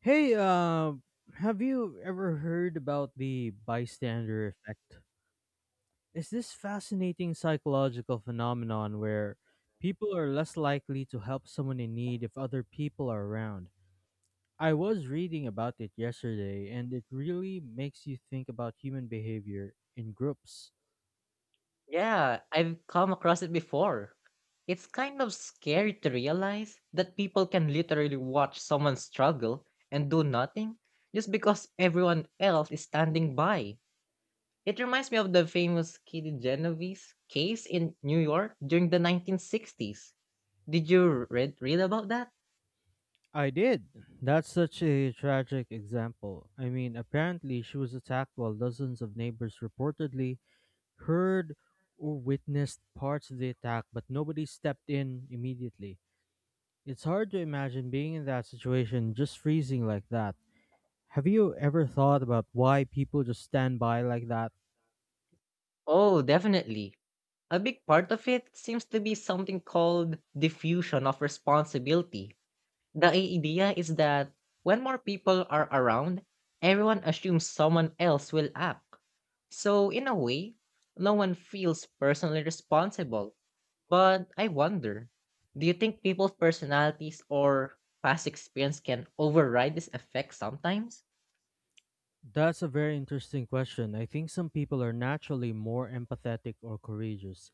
Hey, have you ever heard about the bystander effect? It's this fascinating psychological phenomenon where people are less likely to help someone in need if other people are around. I was reading about it yesterday, and it really makes you think about human behavior in groups. Yeah, I've come across it before. It's kind of scary to realize that people can literally watch someone struggle and do nothing just because everyone else is standing by. It reminds me of the famous Kitty Genovese case in New York during the 1960s. Did you read about that? I did. That's such a tragic example. I mean, apparently, she was attacked while dozens of neighbors reportedly heard or witnessed parts of the attack, but nobody stepped in immediately. It's hard to imagine being in that situation, just freezing like that. Have you ever thought about why people just stand by like that? Oh, definitely. A big part of it seems to be something called diffusion of responsibility. The idea is that when more people are around, everyone assumes someone else will act. So, in a way, no one feels personally responsible. But I wonder, do you think people's personalities or past experience can override this effect sometimes? That's a very interesting question. I think some people are naturally more empathetic or courageous,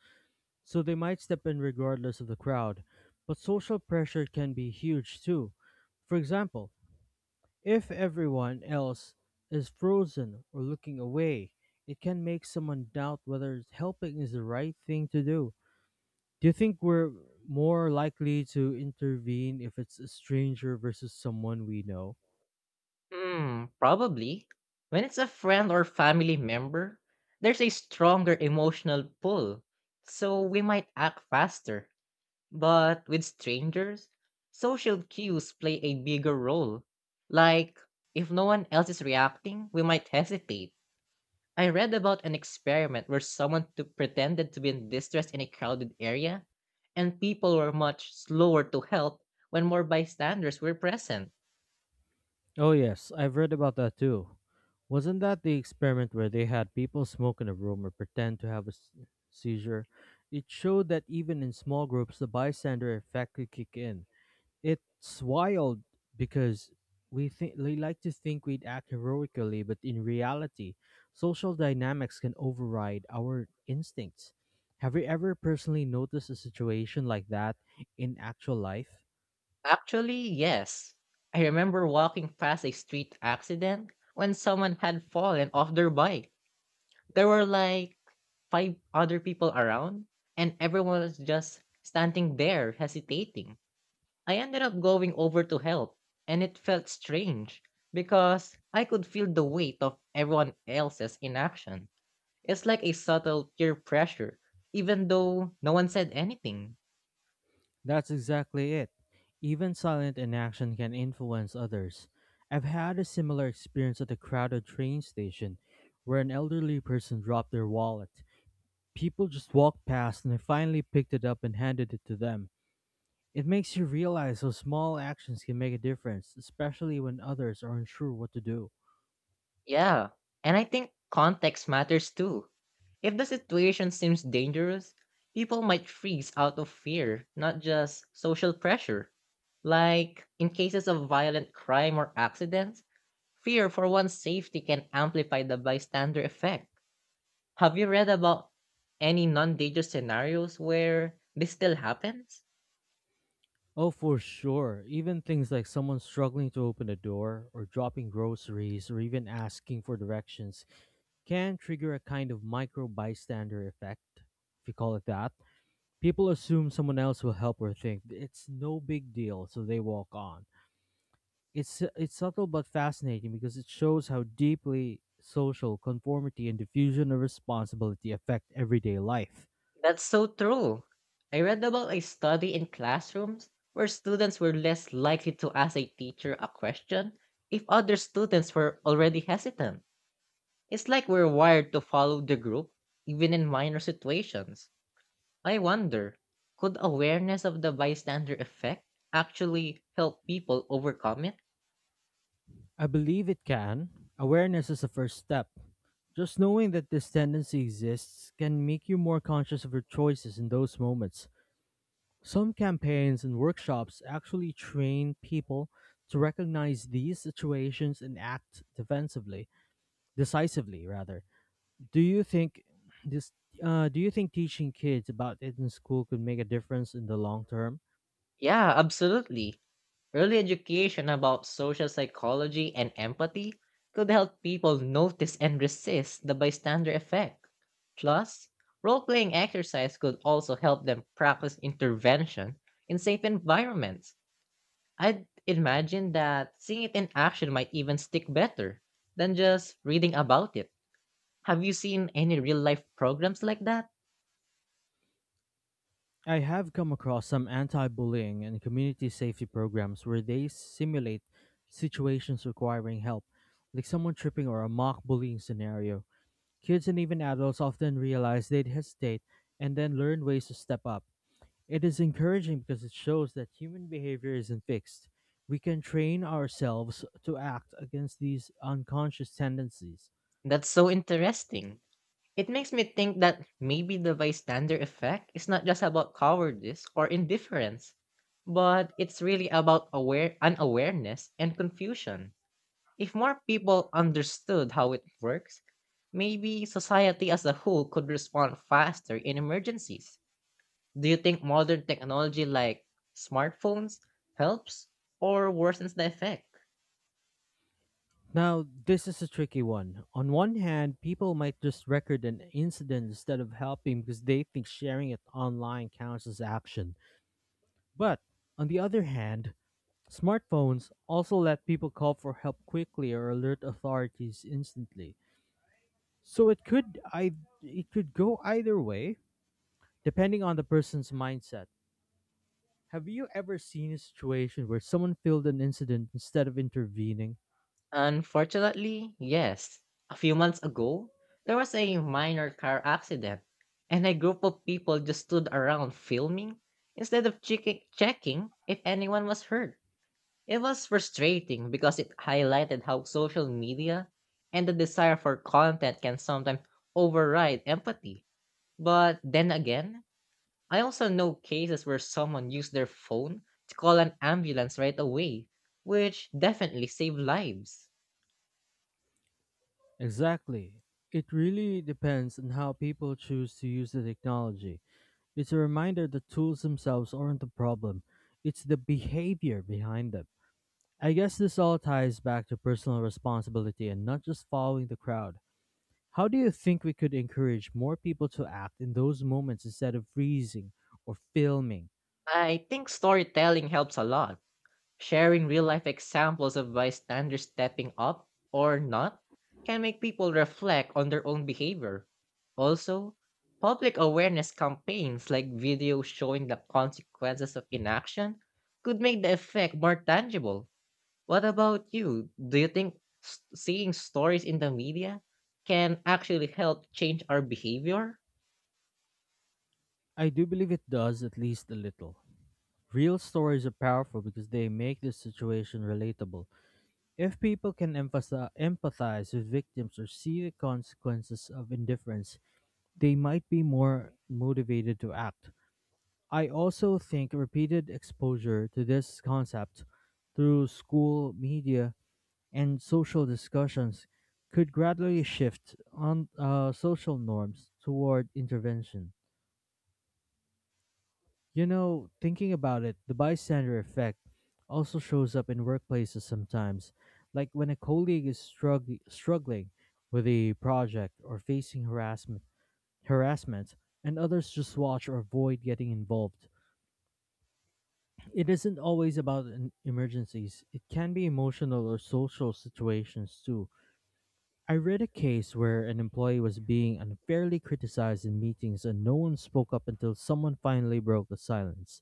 so they might step in regardless of the crowd. But social pressure can be huge too. For example, if everyone else is frozen or looking away, it can make someone doubt whether helping is the right thing to do. Do you think we're more likely to intervene if it's a stranger versus someone we know? Hmm, probably. When it's a friend or family member, there's a stronger emotional pull. So, we might act faster. But with strangers, social cues play a bigger role. Like, if no one else is reacting, we might hesitate. I read about an experiment where pretended to be in distress in a crowded area, and people were much slower to help when more bystanders were present. Oh, yes, I've read about that too. Wasn't that the experiment where they had people smoke in a room or pretend to have a seizure? It showed that even in small groups, the bystander effect could kick in. It's wild because we like to think we'd act heroically, but in reality, social dynamics can override our instincts. Have you ever personally noticed a situation like that in actual life? Actually, yes. I remember walking past a street accident when someone had fallen off their bike. There were like five other people around and everyone was just standing there hesitating. I ended up going over to help and it felt strange because I could feel the weight of everyone else's inaction. It's like a subtle peer pressure, even though no one said anything. That's exactly it. Even silent inaction can influence others. I've had a similar experience at a crowded train station where an elderly person dropped their wallet. People just walked past and I finally picked it up and handed it to them. It makes you realize how small actions can make a difference, especially when others are unsure what to do. Yeah, and I think context matters too. If the situation seems dangerous, people might freeze out of fear, not just social pressure. Like in cases of violent crime or accidents, fear for one's safety can amplify the bystander effect. Have you read about any non dangerous scenarios where this still happens? Oh, for sure. Even things like someone struggling to open a door, or dropping groceries, or even asking for directions can trigger a kind of micro bystander effect, if you call it that. People assume someone else will help or think it's no big deal, so they walk on. It's subtle but fascinating because it shows how deeply social conformity and diffusion of responsibility affect everyday life. That's so true. I read about a study in classrooms where students were less likely to ask a teacher a question if other students were already hesitant. It's like we're wired to follow the group, even in minor situations. I wonder, could awareness of the bystander effect actually help people overcome it? I believe it can. Awareness is the first step. Just knowing that this tendency exists can make you more conscious of your choices in those moments. Some campaigns and workshops actually train people to recognize these situations and act defensively, decisively rather. Do you think this do you think teaching kids about it in school could make a difference in the long term? Yeah, absolutely. Early education about social psychology and empathy could help people notice and resist the bystander effect. Plus, role playing exercise could also help them practice intervention in safe environments. I'd imagine that seeing it in action might even stick better than just reading about it. Have you seen any real life programs like that? I have come across some anti bullying and community safety programs where they simulate situations requiring help, like someone tripping or a mock bullying scenario. Kids and even adults often realize they'd hesitate and then learn ways to step up. It is encouraging because it shows that human behavior isn't fixed. We can train ourselves to act against these unconscious tendencies. That's so interesting. It makes me think that maybe the bystander effect is not just about cowardice or indifference, but it's really about aware unawareness and confusion. If more people understood how it works, maybe society as a whole could respond faster in emergencies. Do you think modern technology like smartphones helps or worsens the effect? Now, this is a tricky one. On one hand, people might just record an incident instead of helping because they think sharing it online counts as action. But on the other hand, smartphones also let people call for help quickly or alert authorities instantly. So it could go either way depending on the person's mindset. Have you ever seen a situation where someone filmed an incident instead of intervening? Unfortunately, yes. A few months ago, there was a minor car accident, and a group of people just stood around filming instead of checking if anyone was hurt. It was frustrating because it highlighted how social media and the desire for content can sometimes override empathy. But then again, I also know cases where someone used their phone to call an ambulance right away, which definitely saved lives. Exactly. It really depends on how people choose to use the technology. It's a reminder the tools themselves aren't the problem, it's the behavior behind them. I guess this all ties back to personal responsibility and not just following the crowd. How do you think we could encourage more people to act in those moments instead of freezing or filming? I think storytelling helps a lot. Sharing real life examples of bystanders stepping up or not can make people reflect on their own behavior. Also, public awareness campaigns like videos showing the consequences of inaction could make the effect more tangible. What about you? Do you think seeing stories in the media can actually help change our behavior? I do believe it does at least a little. Real stories are powerful because they make the situation relatable. If people can empathize with victims or see the consequences of indifference, they might be more motivated to act. I also think repeated exposure to this concept through school, media, and social discussions could gradually shift on social norms toward intervention. You know, thinking about it, the bystander effect also shows up in workplaces sometimes, like when a colleague is struggling with a project or facing harassment, and others just watch or avoid getting involved. It isn't always about emergencies. It can be emotional or social situations too. I read a case where an employee was being unfairly criticized in meetings and no one spoke up until someone finally broke the silence.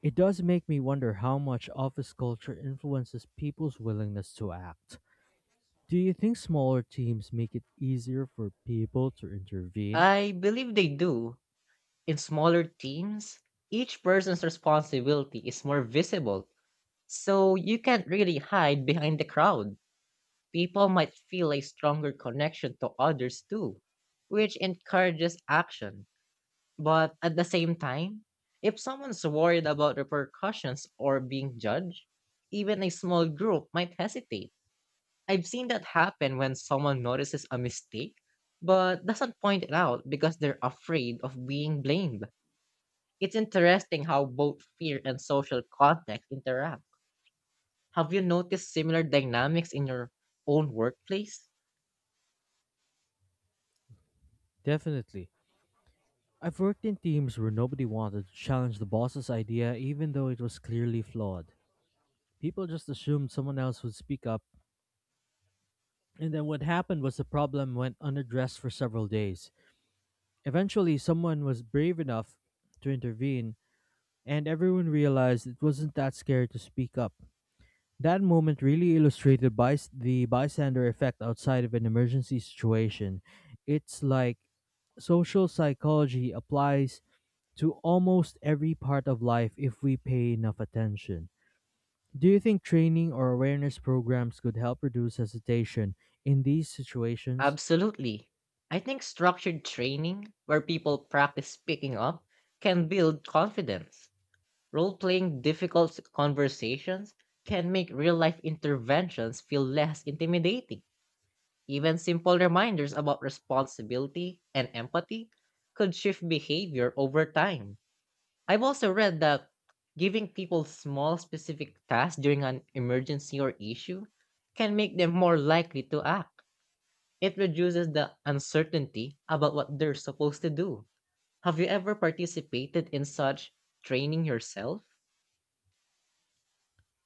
It does make me wonder how much office culture influences people's willingness to act. Do you think smaller teams make it easier for people to intervene? I believe they do. In smaller teams, each person's responsibility is more visible, so you can't really hide behind the crowd. People might feel a stronger connection to others too, which encourages action. But at the same time, if someone's worried about repercussions or being judged, even a small group might hesitate. I've seen that happen when someone notices a mistake but doesn't point it out because they're afraid of being blamed. It's interesting how both fear and social context interact. Have you noticed similar dynamics in your own workplace? Definitely. I've worked in teams where nobody wanted to challenge the boss's idea even though it was clearly flawed. People just assumed someone else would speak up, and then what happened was the problem went unaddressed for several days. Eventually, someone was brave enough to intervene, and everyone realized it wasn't that scary to speak up. That moment really illustrated by the bystander effect outside of an emergency situation. It's like social psychology applies to almost every part of life if we pay enough attention. Do you think training or awareness programs could help reduce hesitation in these situations? Absolutely. I think structured training, where people practice picking up, can build confidence. Role playing difficult conversations can make real life interventions feel less intimidating. Even simple reminders about responsibility and empathy could shift behavior over time. I've also read that giving people small specific tasks during an emergency or issue can make them more likely to act. It reduces the uncertainty about what they're supposed to do. Have you ever participated in such training yourself?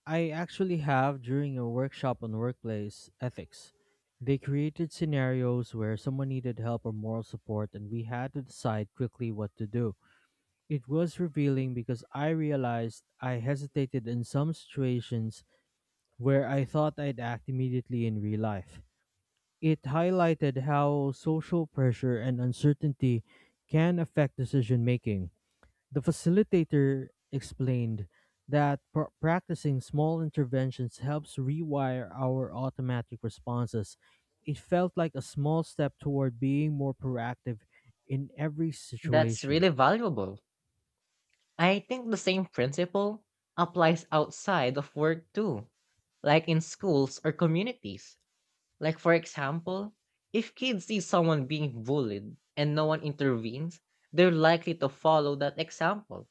I actually have during a workshop on workplace ethics. They created scenarios where someone needed help or moral support, and we had to decide quickly what to do. It was revealing because I realized I hesitated in some situations where I thought I'd act immediately in real life. It highlighted how social pressure and uncertainty can affect decision making. The facilitator explained that practicing small interventions helps rewire our automatic responses. It felt like a small step toward being more proactive in every That's situation. really valuable. I think the same principle applies outside of work too, like in schools or communities. Like, for example, if kids see someone being bullied and no one intervenes, they're likely to follow that example.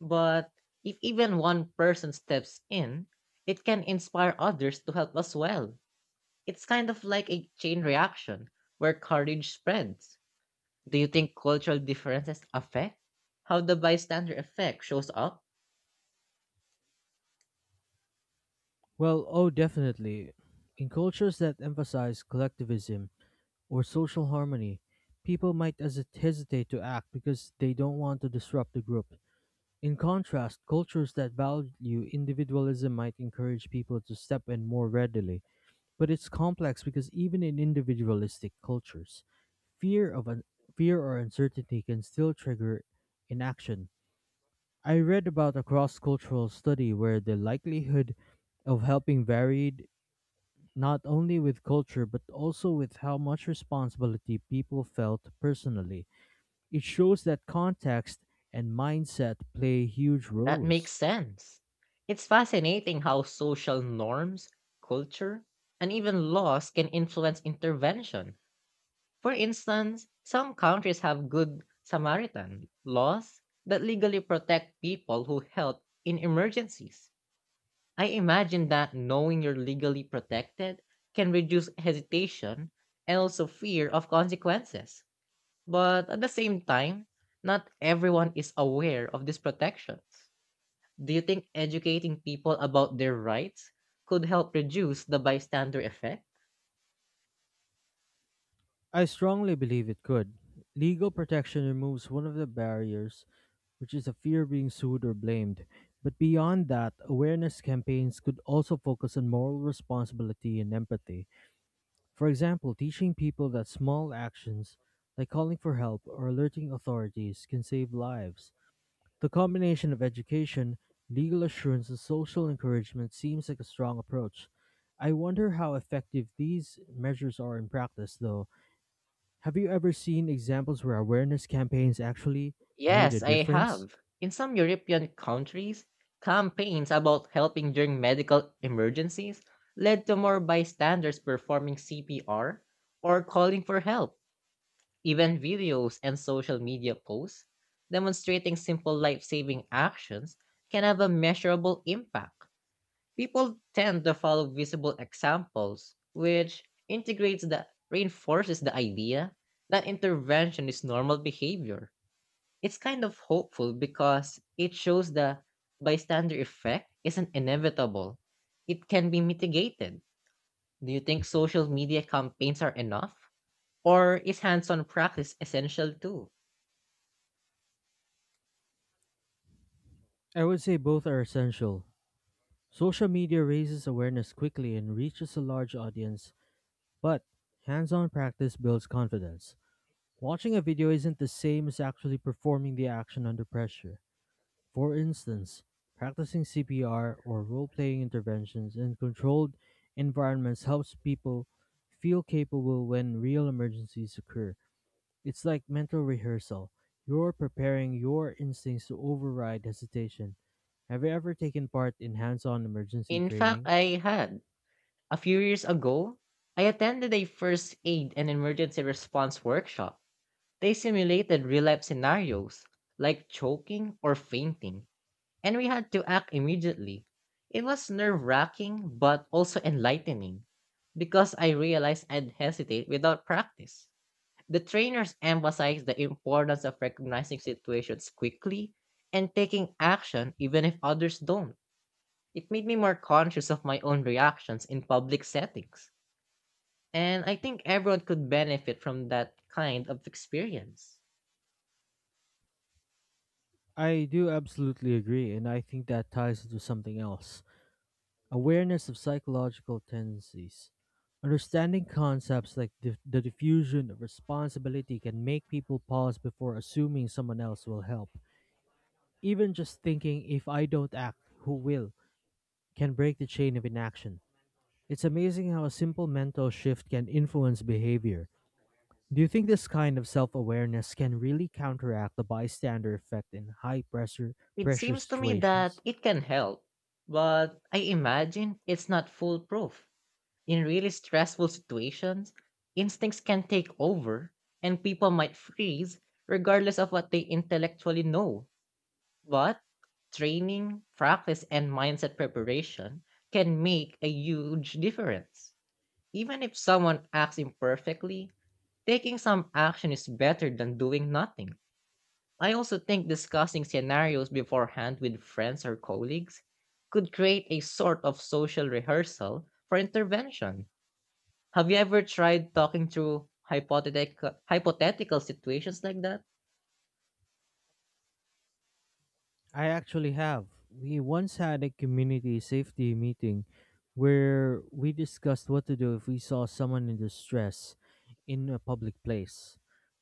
But if even one person steps in, it can inspire others to help as well. It's kind of like a chain reaction where courage spreads. Do you think cultural differences affect how the bystander effect shows up? Well, oh, definitely. In cultures that emphasize collectivism or social harmony, people might hesitate to act because they don't want to disrupt the group. In contrast, cultures that value individualism might encourage people to step in more readily. But it's complex because even in individualistic cultures, fear of un- fear or uncertainty can still trigger inaction. I read about a cross-cultural study where the likelihood of helping varied not only with culture but also with how much responsibility people felt personally. It shows that context and mindset play huge That makes roles. sense. It's fascinating how social norms, culture, and even laws can influence intervention. For instance, some countries have good Samaritan laws that legally protect people who help in emergencies. I imagine that knowing you're legally protected can reduce hesitation and also fear of consequences. But at the same time, not everyone is aware of these protections. Do you think educating people about their rights could help reduce the bystander effect? I strongly believe it could. Legal protection removes one of the barriers, which is a fear of being sued or blamed. But beyond that, awareness campaigns could also focus on moral responsibility and empathy. For example, teaching people that small actions, like calling for help or alerting authorities, can save lives. The combination of education, legal assurance, and social encouragement seems like a strong approach. I wonder how effective these measures are in practice, though. Have you ever seen examples where awareness campaigns actually made a Yes, I difference? have. In some European countries, campaigns about helping during medical emergencies led to more bystanders performing CPR or calling for help. Even videos and social media posts demonstrating simple life saving actions can have a measurable impact. People tend to follow visible examples, which integrates the reinforces the idea that intervention is normal behavior. It's kind of hopeful because it shows the bystander effect isn't inevitable. It can be mitigated. Do you think social media campaigns are enough? Or is hands on practice essential too? I would say both are essential. Social media raises awareness quickly and reaches a large audience, but hands on practice builds confidence. Watching a video isn't the same as actually performing the action under pressure. For instance, practicing CPR or role playing interventions in controlled environments helps people feel capable when real emergencies occur. It's like mental rehearsal. You're preparing your instincts to override hesitation. Have you ever taken part in hands on emergency In fact, training? I had. A few years ago, I attended a first aid and emergency response workshop. They simulated real life scenarios like choking or fainting, and we had to act immediately. It was nerve wracking but also enlightening because I realized I'd hesitate without practice. The trainers emphasized the importance of recognizing situations quickly and taking action even if others don't. It made me more conscious of my own reactions in public settings. And I think everyone could benefit from that kind of experience. I do absolutely agree, and I think that ties into something else. Awareness of psychological tendencies. Understanding concepts like the diffusion of responsibility can make people pause before assuming someone else will help. Even just thinking, if I don't act, who will, can break the chain of inaction. It's amazing how a simple mental shift can influence behavior. Do you think this kind of self awareness can really counteract the bystander effect in It pressure seems to me that situations? it can help, but I imagine it's not foolproof. In really stressful situations, instincts can take over and people might freeze regardless of what they intellectually know. But training, practice, and mindset preparation can make a huge difference. Even if someone acts imperfectly, taking some action is better than doing nothing. I also think discussing scenarios beforehand with friends or colleagues could create a sort of social rehearsal for intervention. Have you ever tried talking through hypothetical situations like that? I actually have. We once had a community safety meeting where we discussed what to do if we saw someone in distress in a public place.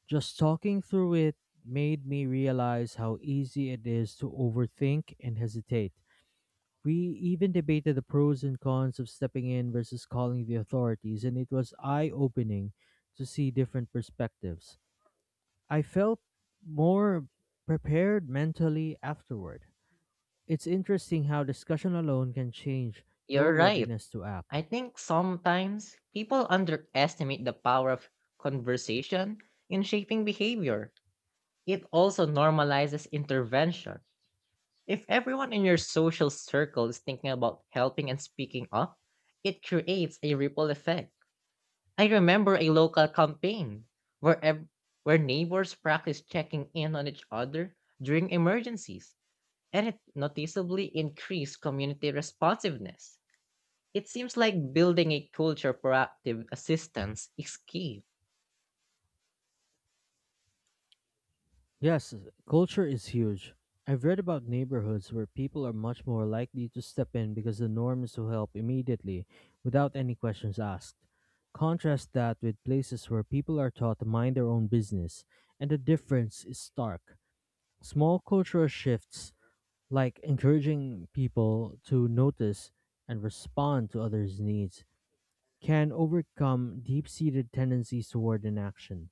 Just talking through it made me realize how easy it is to overthink and hesitate. We even debated the pros and cons of stepping in versus calling the authorities, and it was eye opening to see different perspectives. I felt more prepared mentally afterward. It's interesting how discussion alone can change You're your right. readiness to act. I think sometimes people underestimate the power of conversation in shaping behavior. It also normalizes intervention. If everyone in your social circle is thinking about helping and speaking up, it creates a ripple effect. I remember a local campaign where ev- where neighbors practiced checking in on each other during emergencies, and it noticeably increased community responsiveness. It seems like building a culture of proactive assistance is key. Yes, culture is huge. I've read about neighborhoods where people are much more likely to step in because the norm is to help immediately without any questions asked. Contrast that with places where people are taught to mind their own business, and the difference is stark. Small cultural shifts, like encouraging people to notice and respond to others' needs, can overcome deep seated tendencies toward inaction.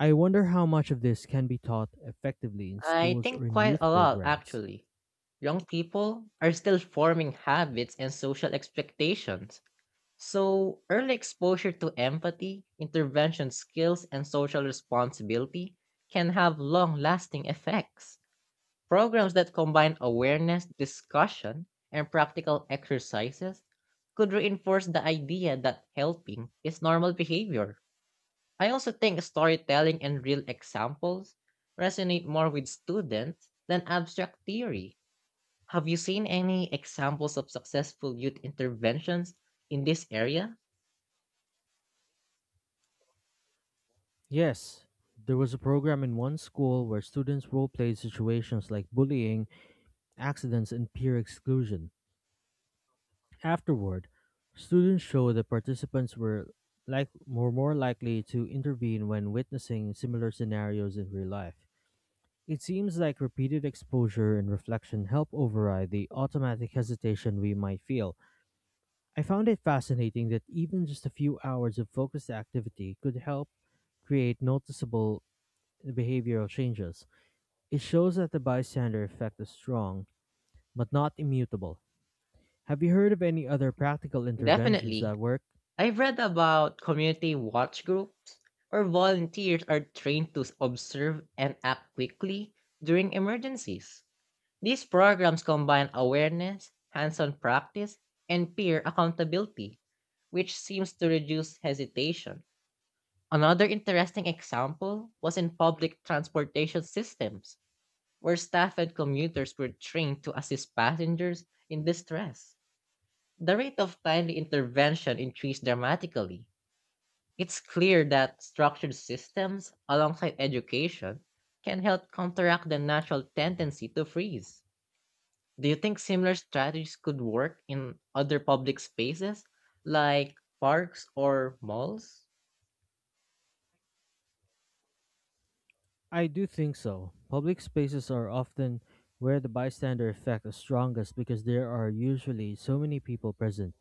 I wonder how much of this can be taught effectively in I schools think or in quite a youth lot, programs. actually. Young people are still forming habits and social expectations. So, early exposure to empathy, intervention skills, and social responsibility can have long lasting effects. Programs that combine awareness, discussion, and practical exercises could reinforce the idea that helping is normal behavior. I also think storytelling and real examples resonate more with students than abstract theory. Have you seen any examples of successful youth interventions in this area? Yes, there was a program in one school where students role played situations like bullying, accidents, and peer exclusion. Afterward, students showed that participants were more likely to intervene when witnessing similar scenarios in real life. It seems like repeated exposure and reflection help override the automatic hesitation we might feel. I found it fascinating that even just a few hours of focused activity could help create noticeable behavioral changes. It shows that the bystander effect is strong, but not immutable. Have you heard of any other practical interventions Definitely. that work? I've read about community watch groups where volunteers are trained to observe and act quickly during emergencies. These programs combine awareness, hands on practice, and peer accountability, which seems to reduce hesitation. Another interesting example was in public transportation systems, where staff and commuters were trained to assist passengers in distress. The rate of timely intervention increased dramatically. It's clear that structured systems, alongside education, can help counteract the natural tendency to freeze. Do you think similar strategies could work in other public spaces, like parks or malls? I do think so. Public spaces are often where the bystander effect is strongest because there are usually so many people present.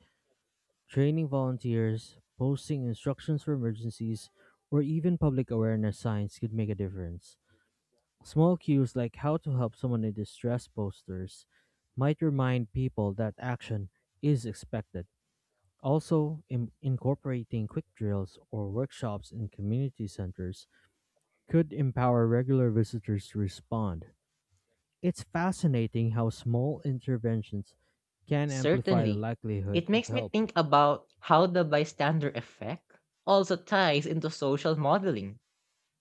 Training volunteers, posting instructions for emergencies, or even public awareness signs could make a difference. Small cues like how to help someone in distress posters might remind people that action is expected. Also, incorporating quick drills or workshops in community centers could empower regular visitors to respond. It's fascinating how small interventions can amplify the Certainly. likelihood It of makes me help. think about how the bystander effect also ties into social modeling.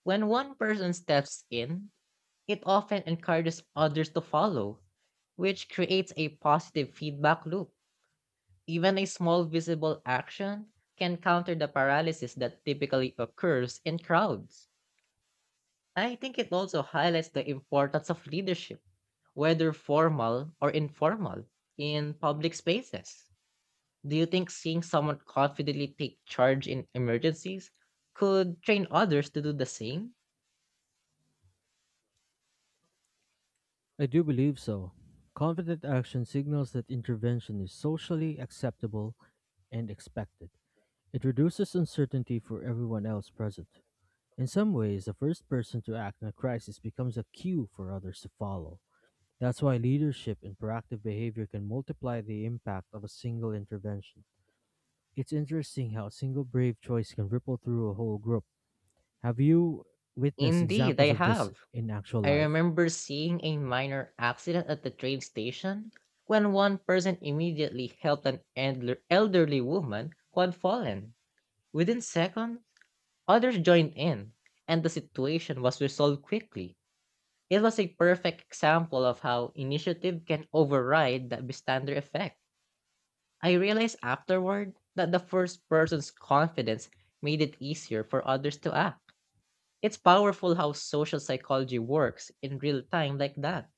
When one person steps in, it often encourages others to follow, which creates a positive feedback loop. Even a small visible action can counter the paralysis that typically occurs in crowds. I think it also highlights the importance of leadership, whether formal or informal, in public spaces. Do you think seeing someone confidently take charge in emergencies could train others to do the same? I do believe so. Confident action signals that intervention is socially acceptable and expected. It reduces uncertainty for everyone else present. In some ways, the first person to act in a crisis becomes a cue for others to follow. That's why leadership and proactive behavior can multiply the impact of a single intervention. It's interesting how a single brave choice can ripple through a whole group. Have you witnessed Indeed, examples I of this have. in actual I life? remember seeing a minor accident at the train station when one person immediately helped an elderly woman who had fallen. Within seconds, others joined in, and the situation was resolved quickly. It was a perfect example of how initiative can override the bystander effect. I realized afterward that the first person's confidence made it easier for others to act. It's powerful how social psychology works in real time like that.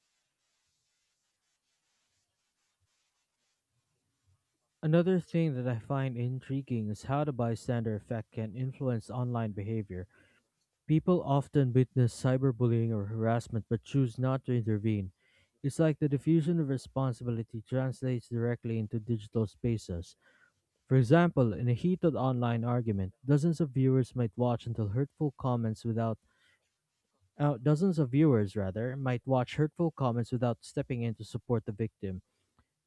Another thing that I find intriguing is how the bystander effect can influence online behavior. People often witness cyberbullying or harassment but choose not to intervene. It's like the diffusion of responsibility translates directly into digital spaces. For example, in a heated online argument, dozens of viewers might watch until hurtful comments without dozens of viewers rather might watch hurtful comments without stepping in to support the victim.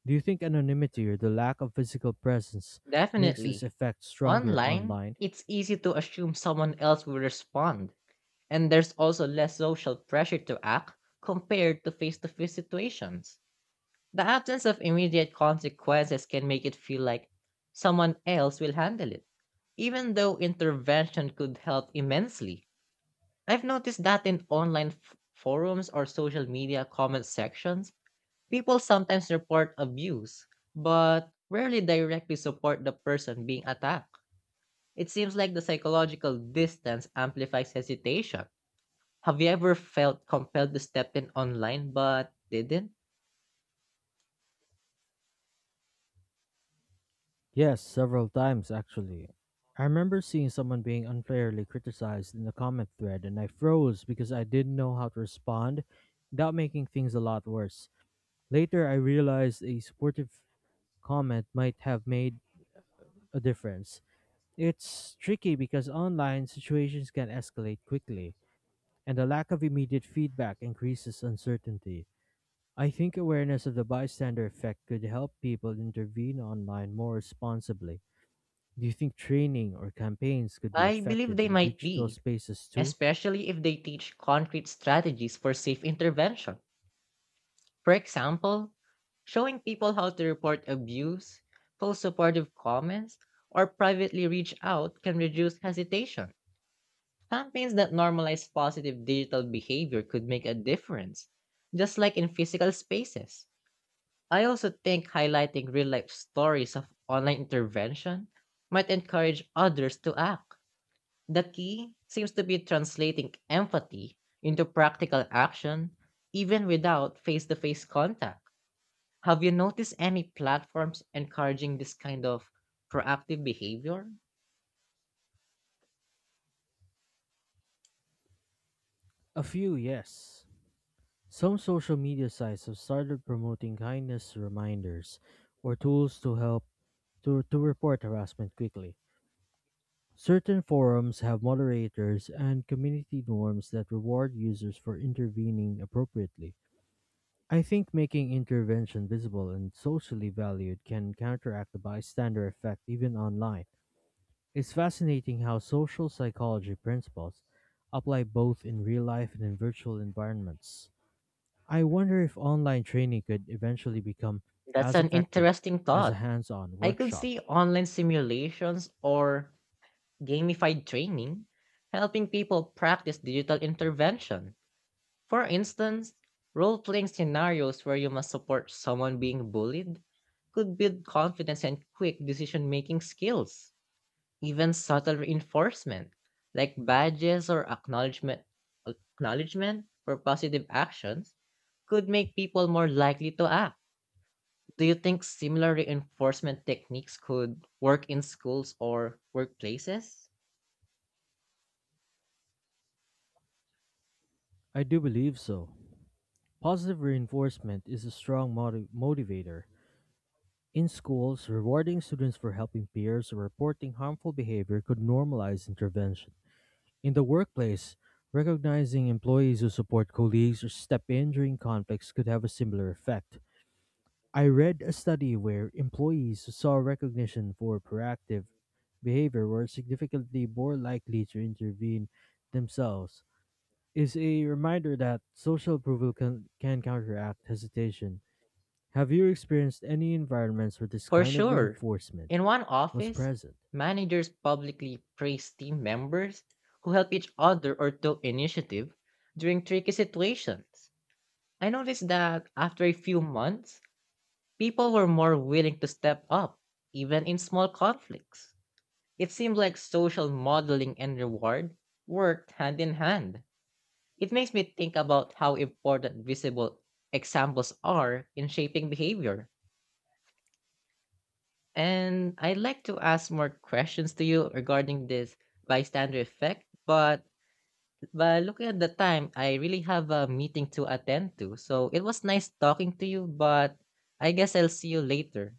Do you think anonymity or the lack of physical presence makes this Definitely. effect stronger Online, online? it's easy to assume someone else will respond, and there's also less social pressure to act compared to face situations. The absence of immediate consequences can make it feel like someone else will handle it, even though intervention could help immensely. I've noticed that in online forums or social media comment sections, people sometimes report abuse, but rarely directly support the person being attacked. It seems like the psychological distance amplifies hesitation. Have you ever felt compelled to step in online but didn't? Yes, several times actually. I remember seeing someone being unfairly criticized in the comment thread, and I froze because I didn't know how to respond without making things a lot worse. Later, I realized a supportive comment might have made a difference. It's tricky because online situations can escalate quickly, and the lack of immediate feedback increases uncertainty. I think awareness of the bystander effect could help people intervene online more responsibly. Do you think training or campaigns could be I believe effective they in might digital be, spaces too? especially if they teach concrete strategies for safe intervention. For example, showing people how to report abuse, post supportive comments, or privately reach out can reduce hesitation. Campaigns that normalize positive digital behavior could make a difference, just like in physical spaces. I also think highlighting real life stories of online intervention might encourage others to act. The key seems to be translating empathy into practical action, even without face to face contact. Have you noticed any platforms encouraging this kind of proactive behavior? A few, yes. Some social media sites have started promoting kindness reminders or tools to help to report harassment quickly. Certain forums have moderators and community norms that reward users for intervening appropriately. I think making intervention visible and socially valued can counteract the bystander effect even online. It's fascinating how social psychology principles apply both in real life and in virtual environments. I wonder if online training could eventually become That's as an effective interesting as a thought. hands on I could workshop. see online simulations or gamified training helping people practice digital intervention. For instance, role playing scenarios where you must support someone being bullied could build confidence and quick decision making skills. Even subtle reinforcement, like badges or acknowledgement for positive actions, could make people more likely to act. Do you think similar reinforcement techniques could work in schools or workplaces? I do believe so. Positive reinforcement is a strong motivator. In schools, rewarding students for helping peers or reporting harmful behavior could normalize intervention. In the workplace, recognizing employees who support colleagues or step in during conflicts could have a similar effect. I read a study where employees who saw recognition for proactive behavior were significantly more likely to intervene themselves. Is a reminder that social approval can counteract hesitation. Have you experienced any environments where this For kind of sure. reinforcement In one was office, present? managers publicly praise team members who help each other or took initiative during tricky situations. I noticed that after a few months, people were more willing to step up, even in small conflicts. It seems like social modeling and reward worked hand in hand. It makes me think about how important visible examples are in shaping behavior. And I'd like to ask more questions to you regarding this bystander effect, but by looking at the time, I really have a meeting to attend to. So it was nice talking to you, but I guess I'll see you later.